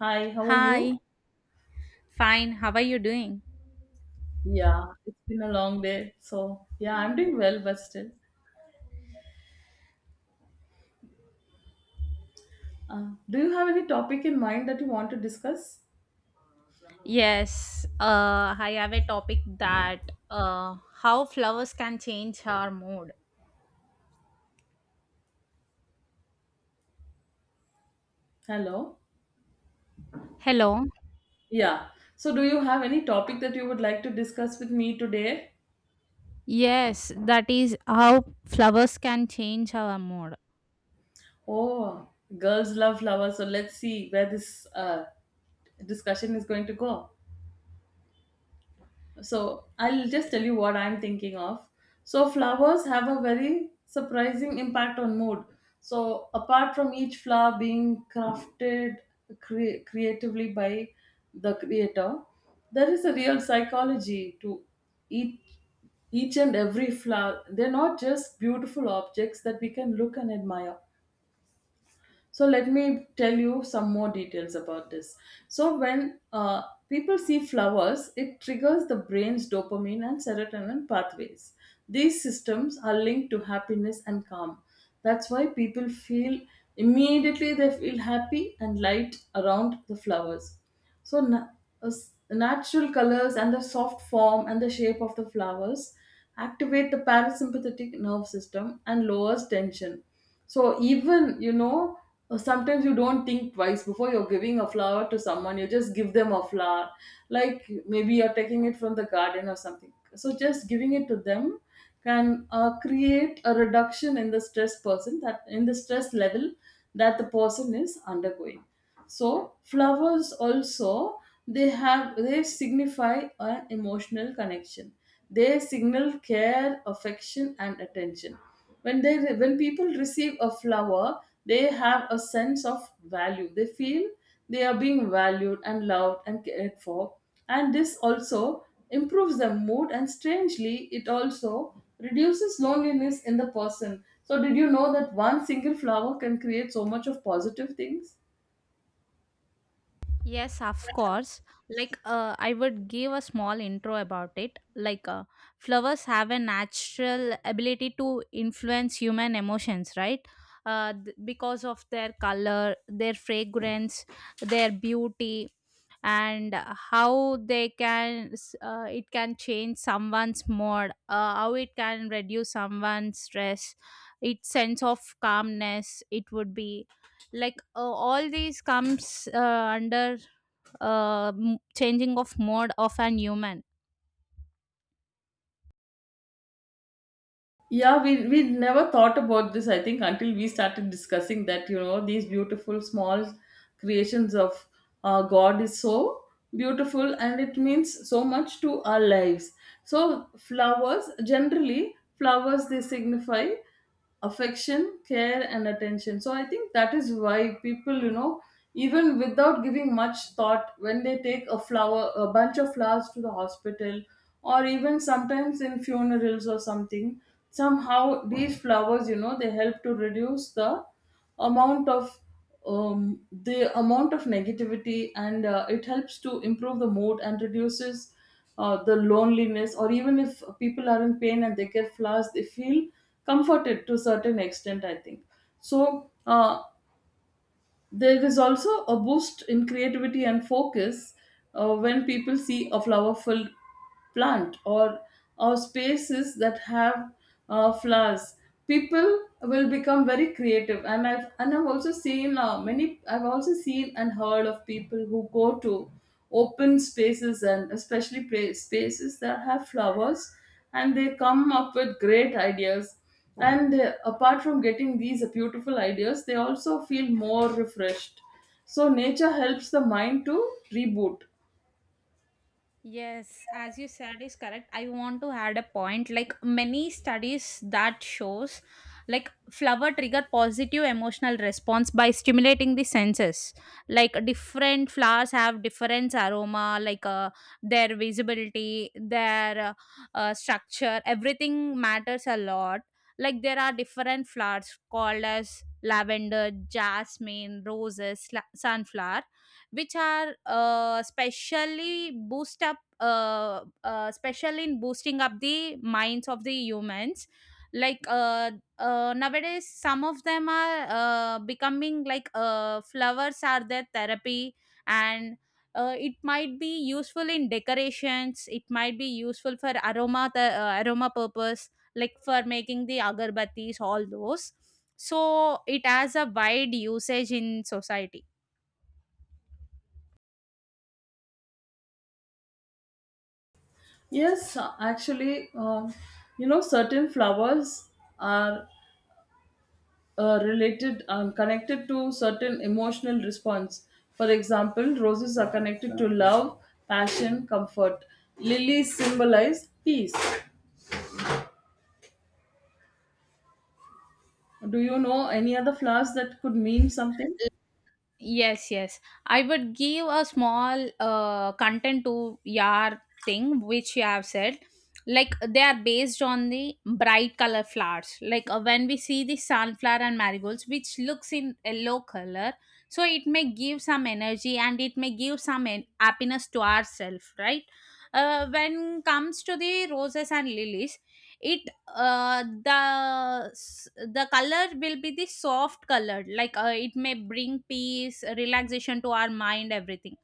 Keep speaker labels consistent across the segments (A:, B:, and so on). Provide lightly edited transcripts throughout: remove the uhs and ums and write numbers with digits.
A: Hi, how are
B: Hi,
A: you?
B: fine. How are you doing?
A: Yeah, it's been a long day. So, yeah, I'm doing well, but still. Do you have any topic in mind that you want to discuss?
B: Yes, I have a topic that uh, how flowers can change our mood.
A: Hello?
B: Hello.
A: Yeah. So, do you have any topic that you would like to discuss with me today?
B: Yes, that is how flowers can change our mood.
A: Oh, girls love flowers. So, let's see where this discussion is going to go. So I'll just tell you what I'm thinking of. So flowers have a very surprising impact on mood. So apart from each flower being crafted creatively by the creator, there is a real psychology to each each and every flower. They're not just beautiful objects that we can look and admire. So let me tell you some more details about this. So when people see flowers, it triggers the brain's dopamine and serotonin pathways. These systems are linked to happiness and calm. That's why people feel immediately they feel happy and light around the flowers. So, natural colors and the soft form and the shape of the flowers activate the parasympathetic nerve system and lowers tension. So, even, sometimes you don't think twice before you're giving a flower to someone, you just give them a flower, like maybe you're taking it from the garden or something. So, just giving it to them can create a reduction in the stress person, that in the stress level that the person is undergoing. So flowers also, they signify an emotional connection. They signal care, affection, and attention. When people receive a flower, they have a sense of value. They feel they are being valued and loved and cared for. And this also improves their mood, and strangely it also reduces loneliness in the person. So did you know that one single flower can create so much of positive things?
B: Yes, of course. Like, I would give a small intro about it. Like, flowers have a natural ability to influence human emotions, right? Because of their color, their fragrance, their beauty, and how they can, it can change someone's mood, how it can reduce someone's stress, its sense of calmness. It would be like all these comes under changing of mode of an human.
A: Yeah, we never thought about this, I think, until we started discussing that. These beautiful small creations of God is so beautiful, and it means so much to our lives. So flowers, generally, flowers they signify affection, care, and attention. So I think that is why people, even without giving much thought, when they take a bunch of flowers to the hospital, or even sometimes in funerals or something, somehow these flowers, they help to reduce the amount of negativity. And it helps to improve the mood and reduces the loneliness. Or even if people are in pain and they get flowers, they feel comforted to a certain extent, I think. So there is also a boost in creativity and focus when people see a flower filled plant, or spaces that have flowers. People will become very creative, and I've also seen many. I've also seen and heard of people who go to open spaces, and especially spaces that have flowers, and they come up with great ideas. And apart from getting these beautiful ideas, they also feel more refreshed. So nature helps the mind to reboot.
B: Yes, as you said is correct. I want to add a point like many studies that shows like flower trigger positive emotional response by stimulating the senses. Like different flowers have different aroma like their visibility, their structure, everything matters a lot. Like there are different flowers called as lavender, jasmine, roses, sunflower which are specially boost up special in boosting up the minds of the humans like nowadays some of them are becoming like flowers are their therapy and it might be useful in decorations, it might be useful for aroma, the aroma purpose like for making the agarbattis all those. So it has a wide usage in society.
A: Yes, actually, certain flowers are related and connected to certain emotional response. For example, roses are connected to love, passion, comfort. Lilies symbolize peace. Do you know any other flowers that could mean something?
B: Yes, yes, I would give a small content to your thing which you have said. Like they are based on the bright color flowers like when we see the sunflower and marigolds which looks in yellow color, so it may give some energy and it may give some happiness to ourselves, right? When comes to the roses and lilies, it the the color will be the soft color like it may bring peace, relaxation to our mind, everything.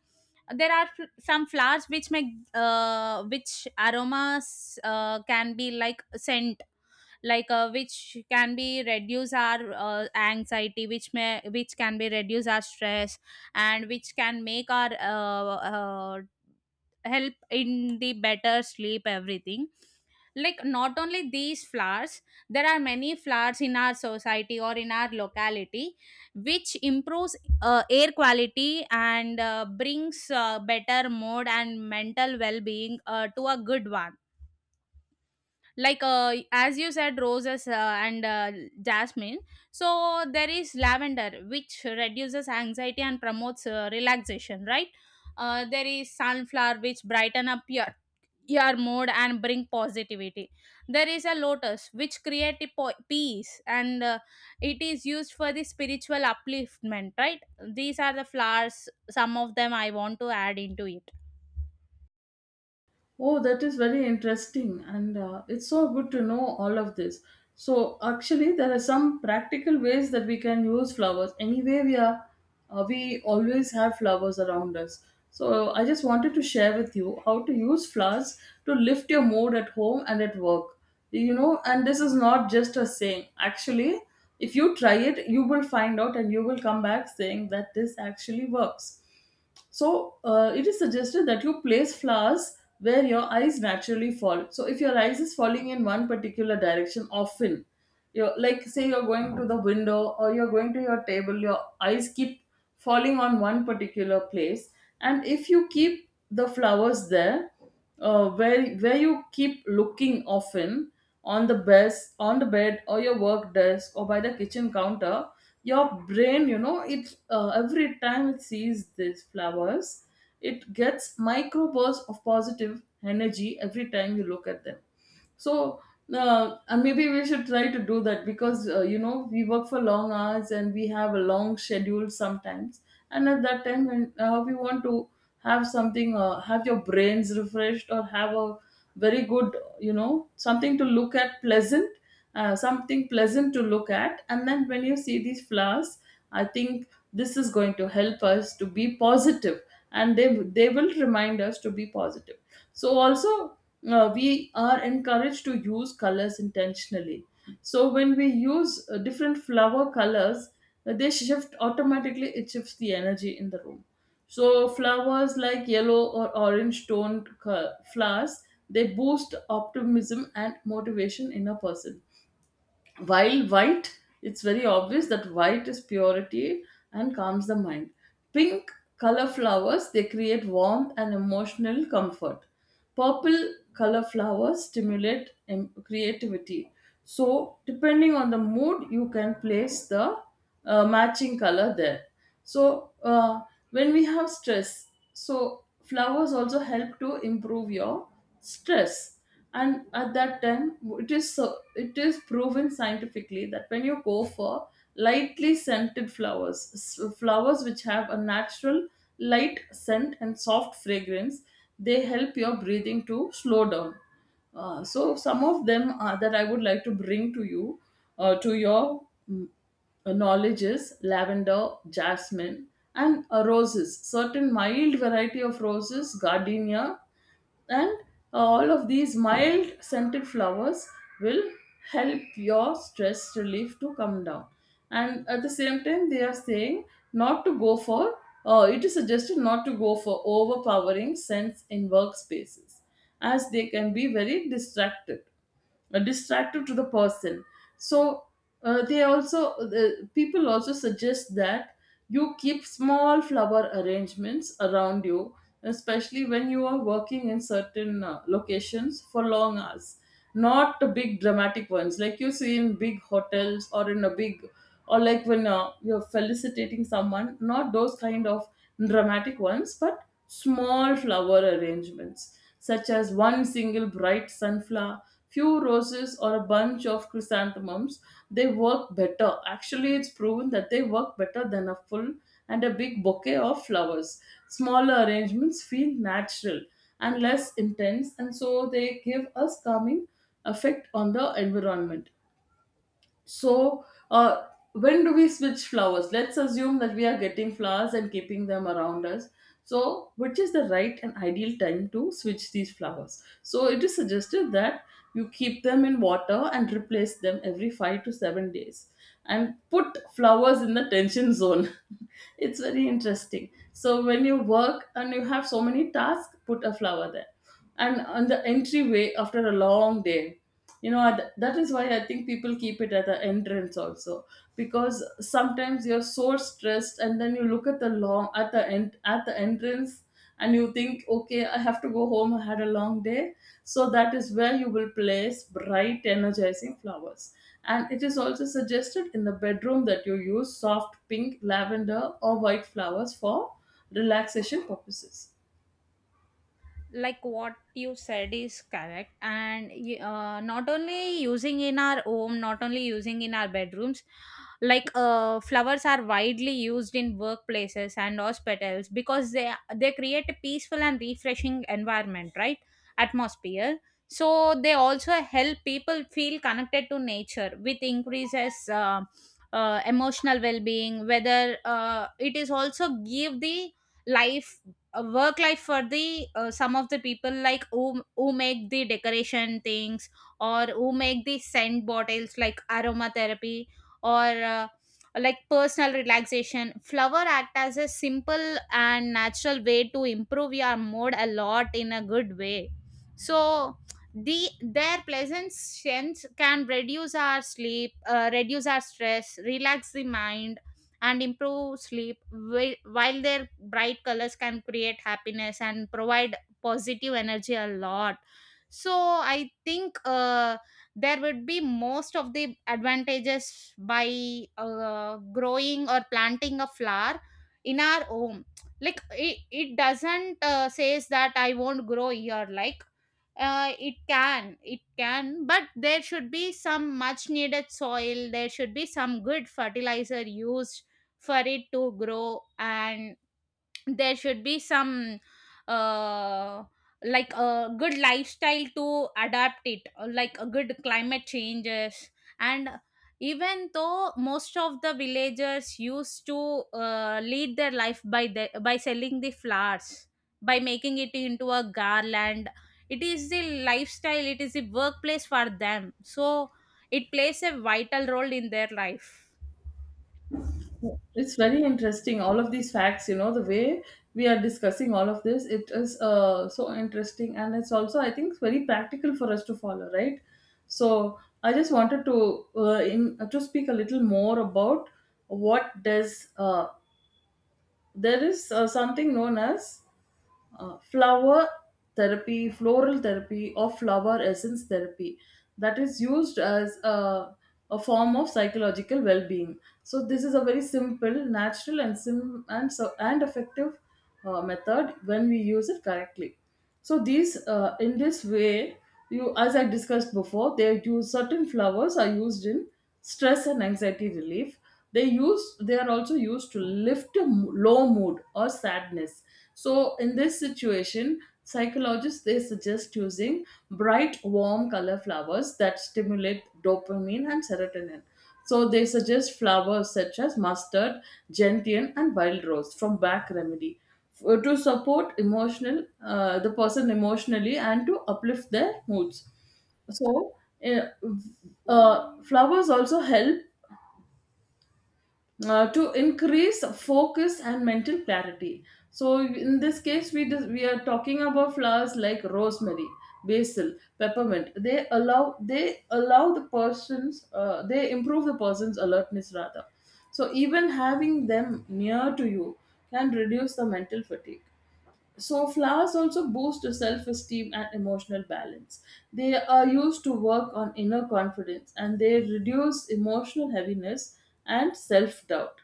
B: There are some flowers which make which aromas can be like scent, like which can be reduce our anxiety, which may which can be reduce our stress, and which can make our help in the better sleep, everything. Like not only these flowers, there are many flowers in our society or in our locality which improves air quality and brings better mood and mental well-being to a good one. Like as you said roses and jasmine, so there is lavender which reduces anxiety and promotes relaxation, right? There is sunflower which brighten up your mood and bring positivity. There is a lotus which create a peace and it is used for the spiritual upliftment, right? These are the flowers, some of them I want to add into it.
A: Oh, that is very interesting, and it's so good to know all of this. So, actually, there are some practical ways that we can use flowers. Anyway, we are, we always have flowers around us. So, I just wanted to share with you how to use flowers to lift your mood at home and at work. You know, and this is not just a saying. Actually, if you try it, you will find out, and you will come back saying that this actually works. So it is suggested that you place flowers where your eyes naturally fall. So if your eyes is falling in one particular direction often, like, say you're going to the window or you're going to your table, your eyes keep falling on one particular place. And if you keep the flowers there, where you keep looking often, on the bed or your work desk or by the kitchen counter, your brain, it, every time it sees these flowers, it gets microbursts of positive energy every time you look at them. So and maybe we should try to do that, because we work for long hours and we have a long schedule sometimes. And at that time, when we want to have your brains refreshed, or have a very good, something to look at pleasant, something pleasant to look at, and then when you see these flowers, I think this is going to help us to be positive, and they will remind us to be positive. So also, we are encouraged to use colors intentionally. So when we use different flower colors, they shift automatically. It shifts the energy in the room. So flowers like yellow or orange toned flowers, they boost optimism and motivation in a person. While white, it's very obvious that white is purity and calms the mind. Pink color flowers, they create warmth and emotional comfort. Purple color flowers stimulate creativity. So depending on the mood, you can place the matching color there. So when we have stress, so flowers also help to improve your stress. And at that time, it is proven scientifically that when you go for lightly scented flowers, flowers which have a natural light scent and soft fragrance, they help your breathing to slow down. So some of them are that I would like to bring to you, to your knowledges: lavender, jasmine, and roses. Certain mild variety of roses, gardenia, and all of these mild scented flowers will help your stress relief to come down. And at the same time, they are saying not to go for. It is suggested not to go for overpowering scents in workspaces, as they can be very distracted distractive to the person. So the people also suggest that you keep small flower arrangements around you, especially when you are working in certain locations for long hours. Not the big dramatic ones, like you see in big hotels or in a big or like when you're felicitating someone, not those kind of dramatic ones, but small flower arrangements, such as one single bright sunflower, few roses, or a bunch of chrysanthemums, they work better. Actually, it's proven that they work better than a full and a big bouquet of flowers. Smaller arrangements feel natural and less intense, and so they give us calming effect on the environment. So, uh, when do we switch flowers? Let's assume that we are getting flowers and keeping them around us. So, which is the right and ideal time to switch these flowers? So, it is suggested that you keep them in water and replace them every 5 to 7 days, and put flowers in the tension zone. It's very interesting. So, when you work and you have so many tasks, put a flower there. And on the entryway after a long day, that is why I think people keep it at the entrance also, because sometimes you're so stressed, and then you look at the end at the entrance, and you think, "Okay, I have to go home, I had a long day." So that is where you will place bright energizing flowers. And it is also suggested in the bedroom that you use soft pink, lavender, or white flowers for relaxation purposes.
B: Like what you said is correct, and not only using in our home, not only using in our bedrooms, like flowers are widely used in workplaces and hospitals because they create a peaceful and refreshing environment, right? Atmosphere. So they also help people feel connected to nature, which increases emotional well-being, whether it is also give the life, a work life for the some of the people like who make the decoration things or who make the scent bottles like aromatherapy or uh, like personal relaxation, flower act as a simple and natural way to improve your mood a lot in a good way. So the their pleasant scents can reduce our sleep, reduce our stress, relax the mind, and improve sleep, while their bright colors can create happiness and provide positive energy a lot. So I think there would be most of the advantages by growing or planting a flower in our home. Like it doesn't says that I won't grow here. Like it can, it can, but there should be some much needed soil, there should be some good fertilizer used for it to grow, and there should be some uh like a good lifestyle to adapt it, like a good climate changes. And even though most of the villagers used to lead their life by the, by selling the flowers, by making it into a garland, it is the lifestyle, it is the workplace for them, so it plays a vital role in their life.
A: It's very interesting, all of these facts. The way we are discussing all of this, it is so interesting, and it's also, I think, very practical for us to follow, right? So, I just wanted to in to speak a little more about what does there is something known as flower therapy, floral therapy, or flower essence therapy, that is used as a form of psychological well being. So, this is a very simple, natural, and, sim- and, so- and effective method when we use it correctly. So these in this way, you, as I discussed before, they use — certain flowers are used in stress and anxiety relief. They are also used to lift a low mood or sadness. So in this situation, psychologists, they suggest using bright, warm color flowers that stimulate dopamine and serotonin. So they suggest flowers such as mustard, gentian, and wild rose from back remedy to support emotional the person emotionally and to uplift their moods. So uh, flowers also help to increase focus and mental clarity. So in this case we are talking about flowers like rosemary, basil, peppermint. They allow the person's they improve the person's alertness rather. So even having them near to you can reduce the mental fatigue. So flowers also boost self-esteem and emotional balance. They are used to work on inner confidence and they reduce emotional heaviness and self-doubt.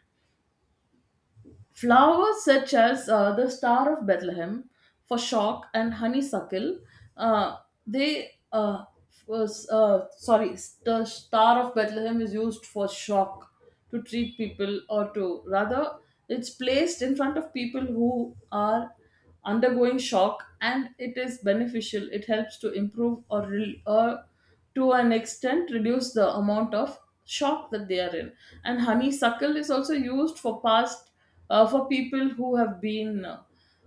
A: Flowers such as the Star of Bethlehem, Foshock, and uh, they uh, sorry, the Star of Bethlehem is used for shock to treat people, or to rather, it's placed in front of people who are undergoing shock, and it is beneficial. It helps to improve or to an extent reduce the amount of shock that they are in. And honeysuckle is also used for past for people who have been uh,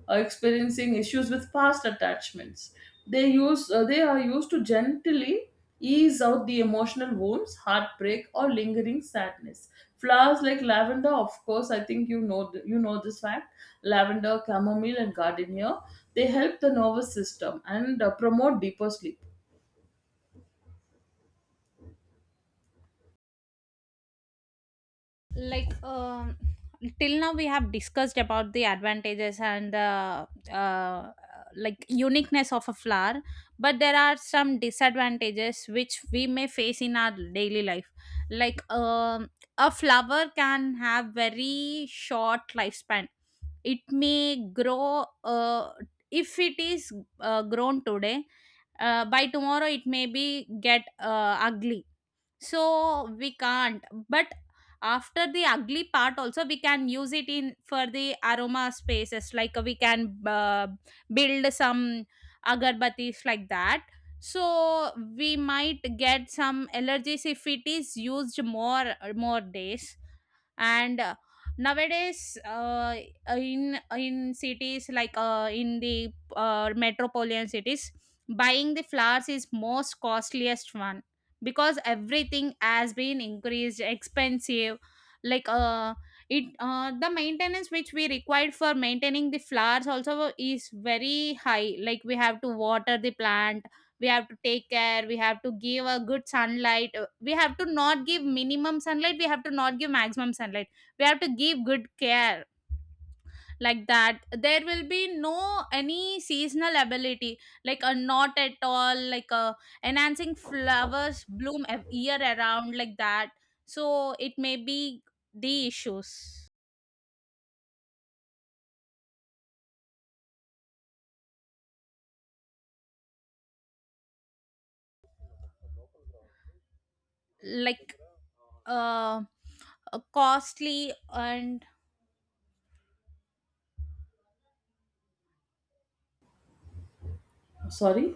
A: uh, experiencing issues with past attachments. They are used to gently ease out the emotional wounds, heartbreak, or lingering sadness. Flowers like lavender, of course, I think you know this fact. Lavender, chamomile, and gardenia, they help the nervous system and promote deeper sleep.
B: Like till now we have discussed about the advantages and the like uniqueness of a flower, but there are some disadvantages which we may face in our daily life. Like a flower can have very short lifespan. It may grow if it is grown today, by tomorrow it may be get ugly. So we can't, but after the ugly part also we can use it in for the aroma spaces, like we can build some agarbattis like that. So we might get some allergies if it is used more more days. And nowadays in cities like in the metropolitan cities, buying the flowers is most costliest one, because everything has been increased expensive. Like it the maintenance which we required for maintaining the flowers also is very high. Like we have to water the plant, we have to take care, we have to give a good sunlight, we have to not give minimum sunlight, we have to not give maximum sunlight, we have to give good care. Like that there will be no any seasonal ability, like a not at all like a enhancing flowers bloom year around, like that. So it may be the issues, like uh, costly and
A: Sorry.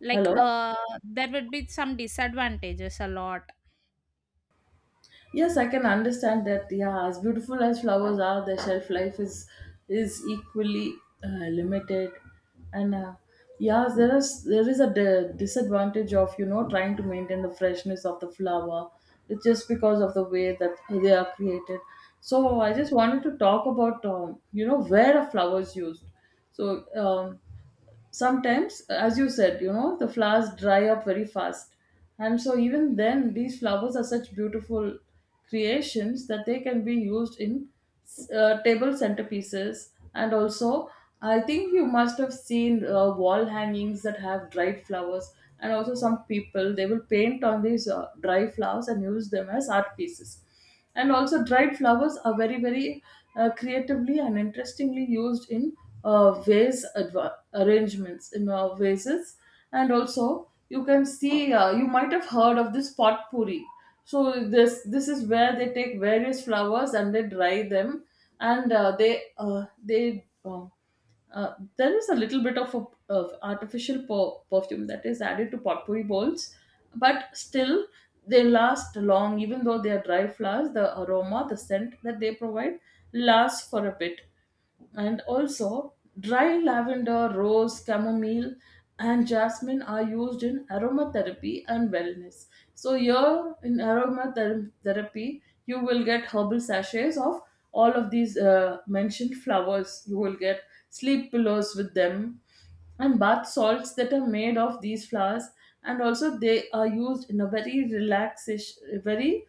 B: like
A: Hello.
B: there would be some disadvantages a lot.
A: Yes, I can understand that. Yeah, as beautiful as flowers are, their shelf life is equally limited, and yes, there is a disadvantage of, you know, trying to maintain the freshness of the flower. It's just because of the way that they are created. So I just wanted to talk about you know, where a flower is used. So sometimes, as you said, you know, the flowers dry up very fast, and so even then, these flowers are such beautiful creations that they can be used in table centerpieces, and also I think you must have seen wall hangings that have dried flowers. And also some people, they will paint on these dry flowers and use them as art pieces. And also dried flowers are very, very creatively and interestingly used in arrangements in vases. And also you can see, you might have heard of this potpourri. So this is where they take various flowers and they dry them, and they there is a little bit of artificial perfume that is added to potpourri bowls, but still they last long, even though they are dry flowers. The aroma, the scent that they provide lasts for a bit. And also dry lavender, rose, chamomile, and jasmine are used in aromatherapy and wellness. So here in aromatherapy, you will get herbal sachets of all of these mentioned flowers. You will get sleep pillows with them and bath salts that are made of these flowers. And also they are used in a very relaxation, very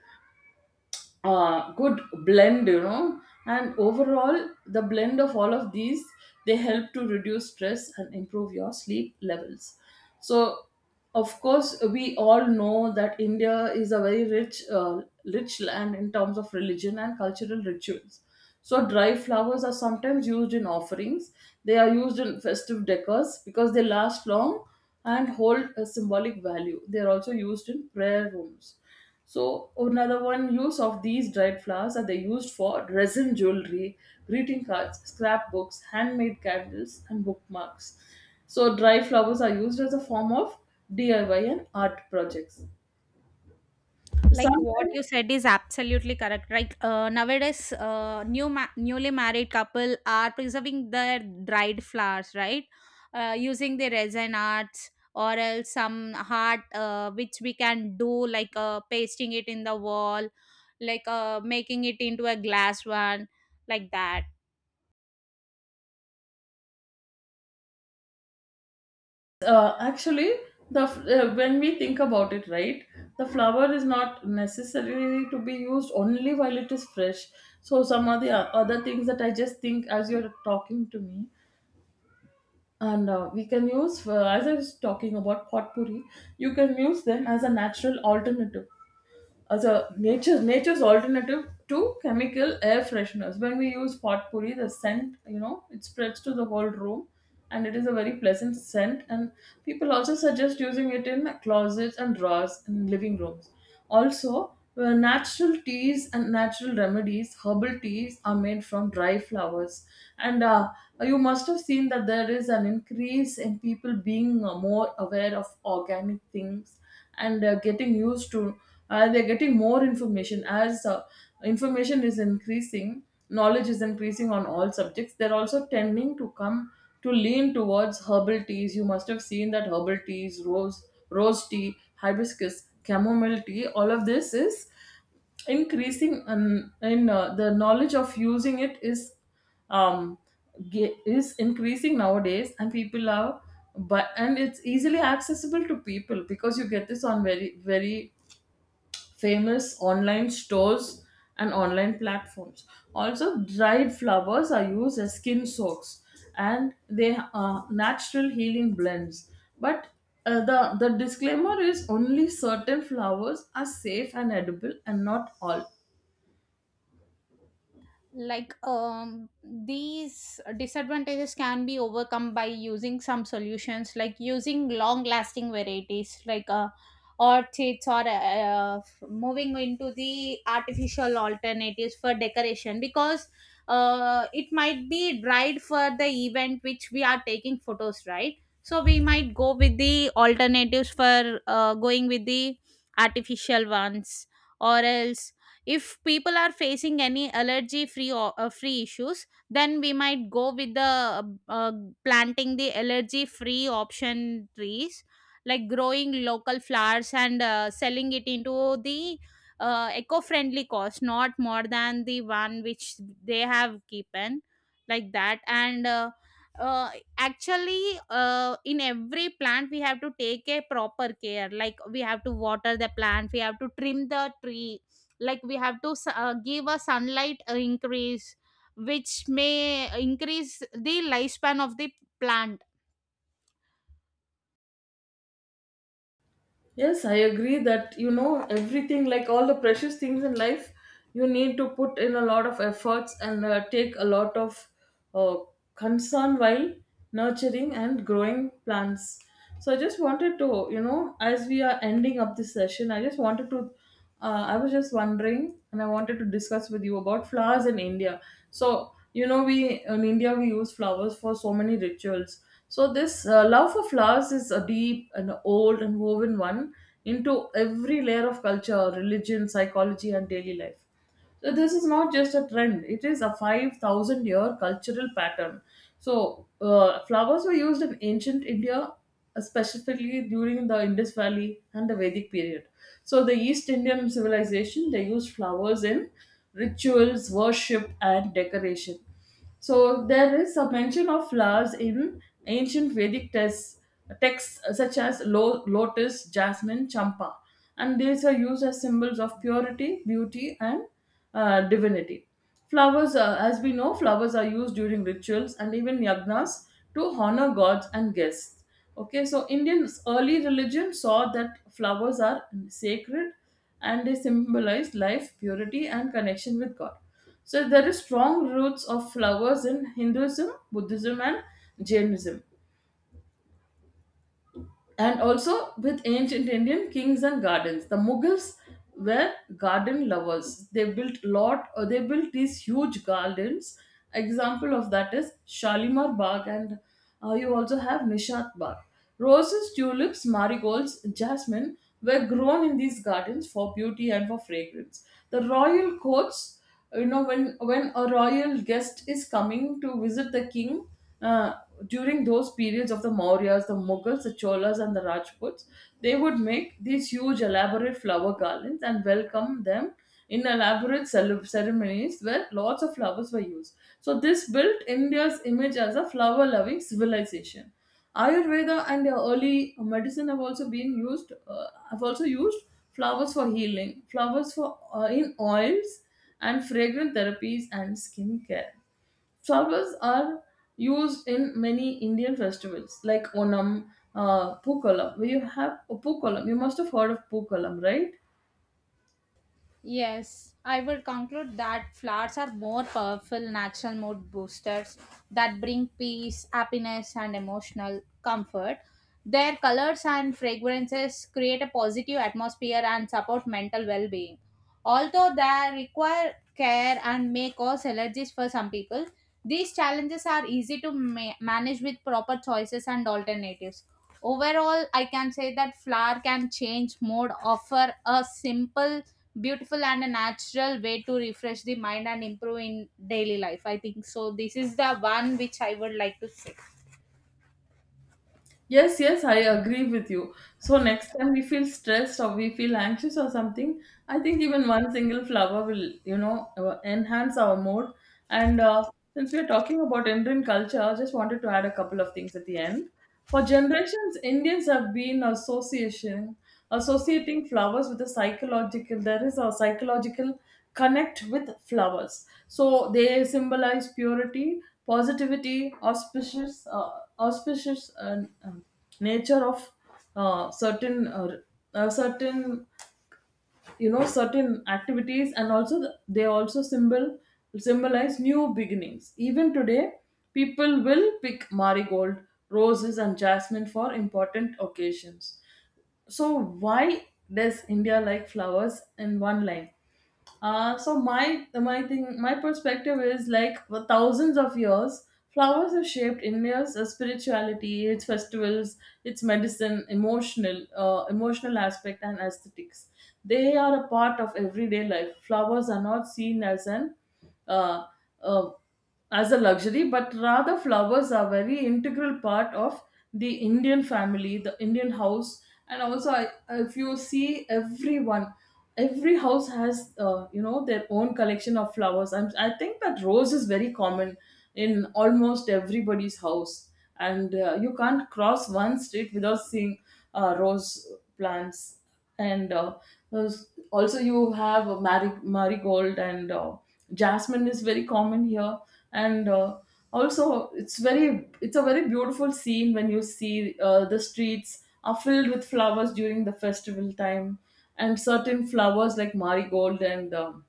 A: good blend, you know. And overall, the blend of all of these, they help to reduce stress and improve your sleep levels. So, of course, we all know that India is a very rich, rich land in terms of religion and cultural rituals. So, dry flowers are sometimes used in offerings. They are used in festive decors because they last long and hold a symbolic value. They are also used in prayer rooms. So another one use of these dried flowers are they used for resin jewelry, greeting cards, scrapbooks, handmade candles, and bookmarks. So dry flowers are used as a form of DIY and art projects.
B: Like what
A: Sometimes,
B: you said is absolutely correct, right? Nowadays newly married couple are preserving their dried flowers, right? Using the resin arts, or else some art which we can do like pasting it in the wall, like making it into a glass one, like that.
A: actually, when we think about it, right, the flower is not necessarily to be used only while it is fresh. So some of the other things that I just think as you're talking to me, and we can use, as I was talking about potpourri, you can use them as a natural alternative, as a nature's alternative to chemical air fresheners. When we use potpourri, the scent, you know, it spreads to the whole room, and it is a very pleasant scent. And people also suggest using it in closets and drawers in living rooms. Also, natural teas and natural remedies, herbal teas are made from dry flowers, and you must have seen that there is an increase in people being more aware of organic things, and getting used to, they're getting more information. As information is increasing, knowledge is increasing on all subjects, they're also tending to come to lean towards herbal teas. You must have seen that herbal teas, rose tea, hibiscus, chamomile tea, all of this is increasing in the knowledge of using it is um, is increasing nowadays. And people are, but, and it's easily accessible to people because you get this on very, very famous online stores and online platforms. Also dried flowers are used as skin soaks, and they are natural healing blends. But the disclaimer is only certain flowers are safe and edible, and not all.
B: Like these disadvantages can be overcome by using some solutions, like using long lasting varieties like orchids, or moving into the artificial alternatives for decoration, because it might be dried for the event which we are taking photos, right? So we might go with the alternatives for going with the artificial ones, or else if people are facing any allergy free or free issues, then we might go with the uh, uh, planting the allergy free option trees, like growing local flowers and selling it into the eco-friendly cost not more than the one which they have given, like that. And uh, actually in every plant we have to take a proper care, like we have to water the plant, we have to trim the tree, like we have to give a sunlight increase which may increase the lifespan of the plant.
A: Yes, I agree that, you know, everything, like all the precious things in life, you need to put in a lot of efforts and take a lot of uh, concern while nurturing and growing plants. So I just wanted to, you know, as we are ending up this session, I just wanted to, I was just wondering, and I wanted to discuss with you about flowers in India. So, you know, we in India, we use flowers for so many rituals. So, this love for flowers is a deep and old and woven one into every layer of culture, religion, psychology, and daily life. So this is not just a trend; it is a 5,000 year cultural pattern. So flowers were used in ancient India, specifically during the Indus Valley and the Vedic period. So the East Indian civilization, they used flowers in rituals, worship, and decoration. So there is a mention of flowers in ancient Vedic texts, texts such as lotus, jasmine, champa, and these are used as symbols of purity, beauty, and divinity. Flowers, as we know, flowers are used during rituals and even yagnas to honor gods and guests. Okay, so Indian's early religion saw that flowers are sacred and they symbolize life, purity, and connection with God. So there are strong roots of flowers in Hinduism, Buddhism, and Jainism, and also with ancient Indian kings and gardens. The Mughals were garden lovers. They built lot, or they built these huge gardens. Example of that is Shalimar Bagh, and you also have Nishat Bagh. Roses, tulips, marigolds, jasmine were grown in these gardens for beauty and for fragrance. The royal courts, you know, when a royal guest is coming to visit the king, uh, during those periods of the Mauryas, the Mughals, the Cholas, and the Rajputs, they would make these huge elaborate flower garlands and welcome them in elaborate ceremonies where lots of flowers were used. So this built India's image as a flower loving civilization. Ayurveda and early medicine have also been used. Have also used flowers for healing, flowers for in oils and fragrant therapies and skincare. Flowers are used in many Indian festivals like Onam, Pookalam. Where you have Pookalam, you must have heard of Pookalam, right?
B: Yes, I would conclude that flowers are more powerful natural mood boosters that bring peace, happiness, and emotional comfort. Their colors and fragrances create a positive atmosphere and support mental well being. Although they require care and may cause allergies for some people, these challenges are easy to manage with proper choices and alternatives. Overall, I can say that flower can change mode, offer a simple, beautiful, and a natural way to refresh the mind and improve in daily life. I think so. This is the one which I would like to say.
A: Yes, yes, I agree with you. So next time we feel stressed or we feel anxious or something, I think even one single flower will, you know, enhance our mood. And since we are talking about Indian culture, I just wanted to add a couple of things at the end. For generations, Indians have been association associating flowers with a psychological. There is a psychological connect with flowers. So they symbolize purity, positivity, auspicious, auspicious nature of uh, certain, uh, certain, you know, certain activities, and also the, they also symbolize new beginnings. Even today, people will pick marigold, roses, and jasmine for important occasions. So why does India like flowers in one line? So my thing, my perspective is like, for thousands of years, flowers have shaped India's spirituality, its festivals, its medicine, emotional emotional aspect, and aesthetics. They are a part of everyday life. Flowers are not seen as an uh, uh, as a luxury, but rather flowers are very integral part of the Indian family, the Indian house, and also I, if you see everyone, every house has, you know, their own collection of flowers. And I think that rose is very common in almost everybody's house, and you can't cross one street without seeing rose plants. And also you have marigold, and jasmine is very common here. And also it's very, it's a very beautiful scene when you see the streets are filled with flowers during the festival time. And certain flowers like marigold and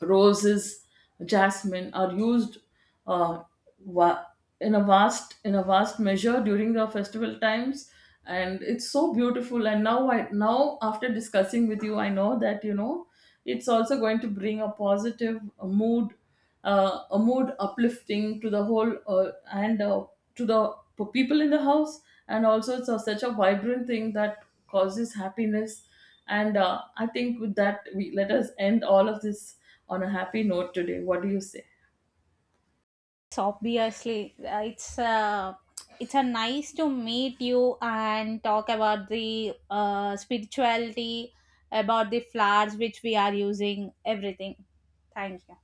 A: roses, jasmine are used uh, va- in a vast measure during the festival times, and it's so beautiful. And now I, now after discussing with you, I know that, you know, it's also going to bring a positive mood, a mood uplifting to the whole, and to the people in the house. And also it's a, such a vibrant thing that causes happiness. And I think with that, we, let us end all of this on a happy note today. What do you say?
B: It's obviously, it's a nice to meet you and talk about the spirituality, about the flowers which we are using, everything. Thank you.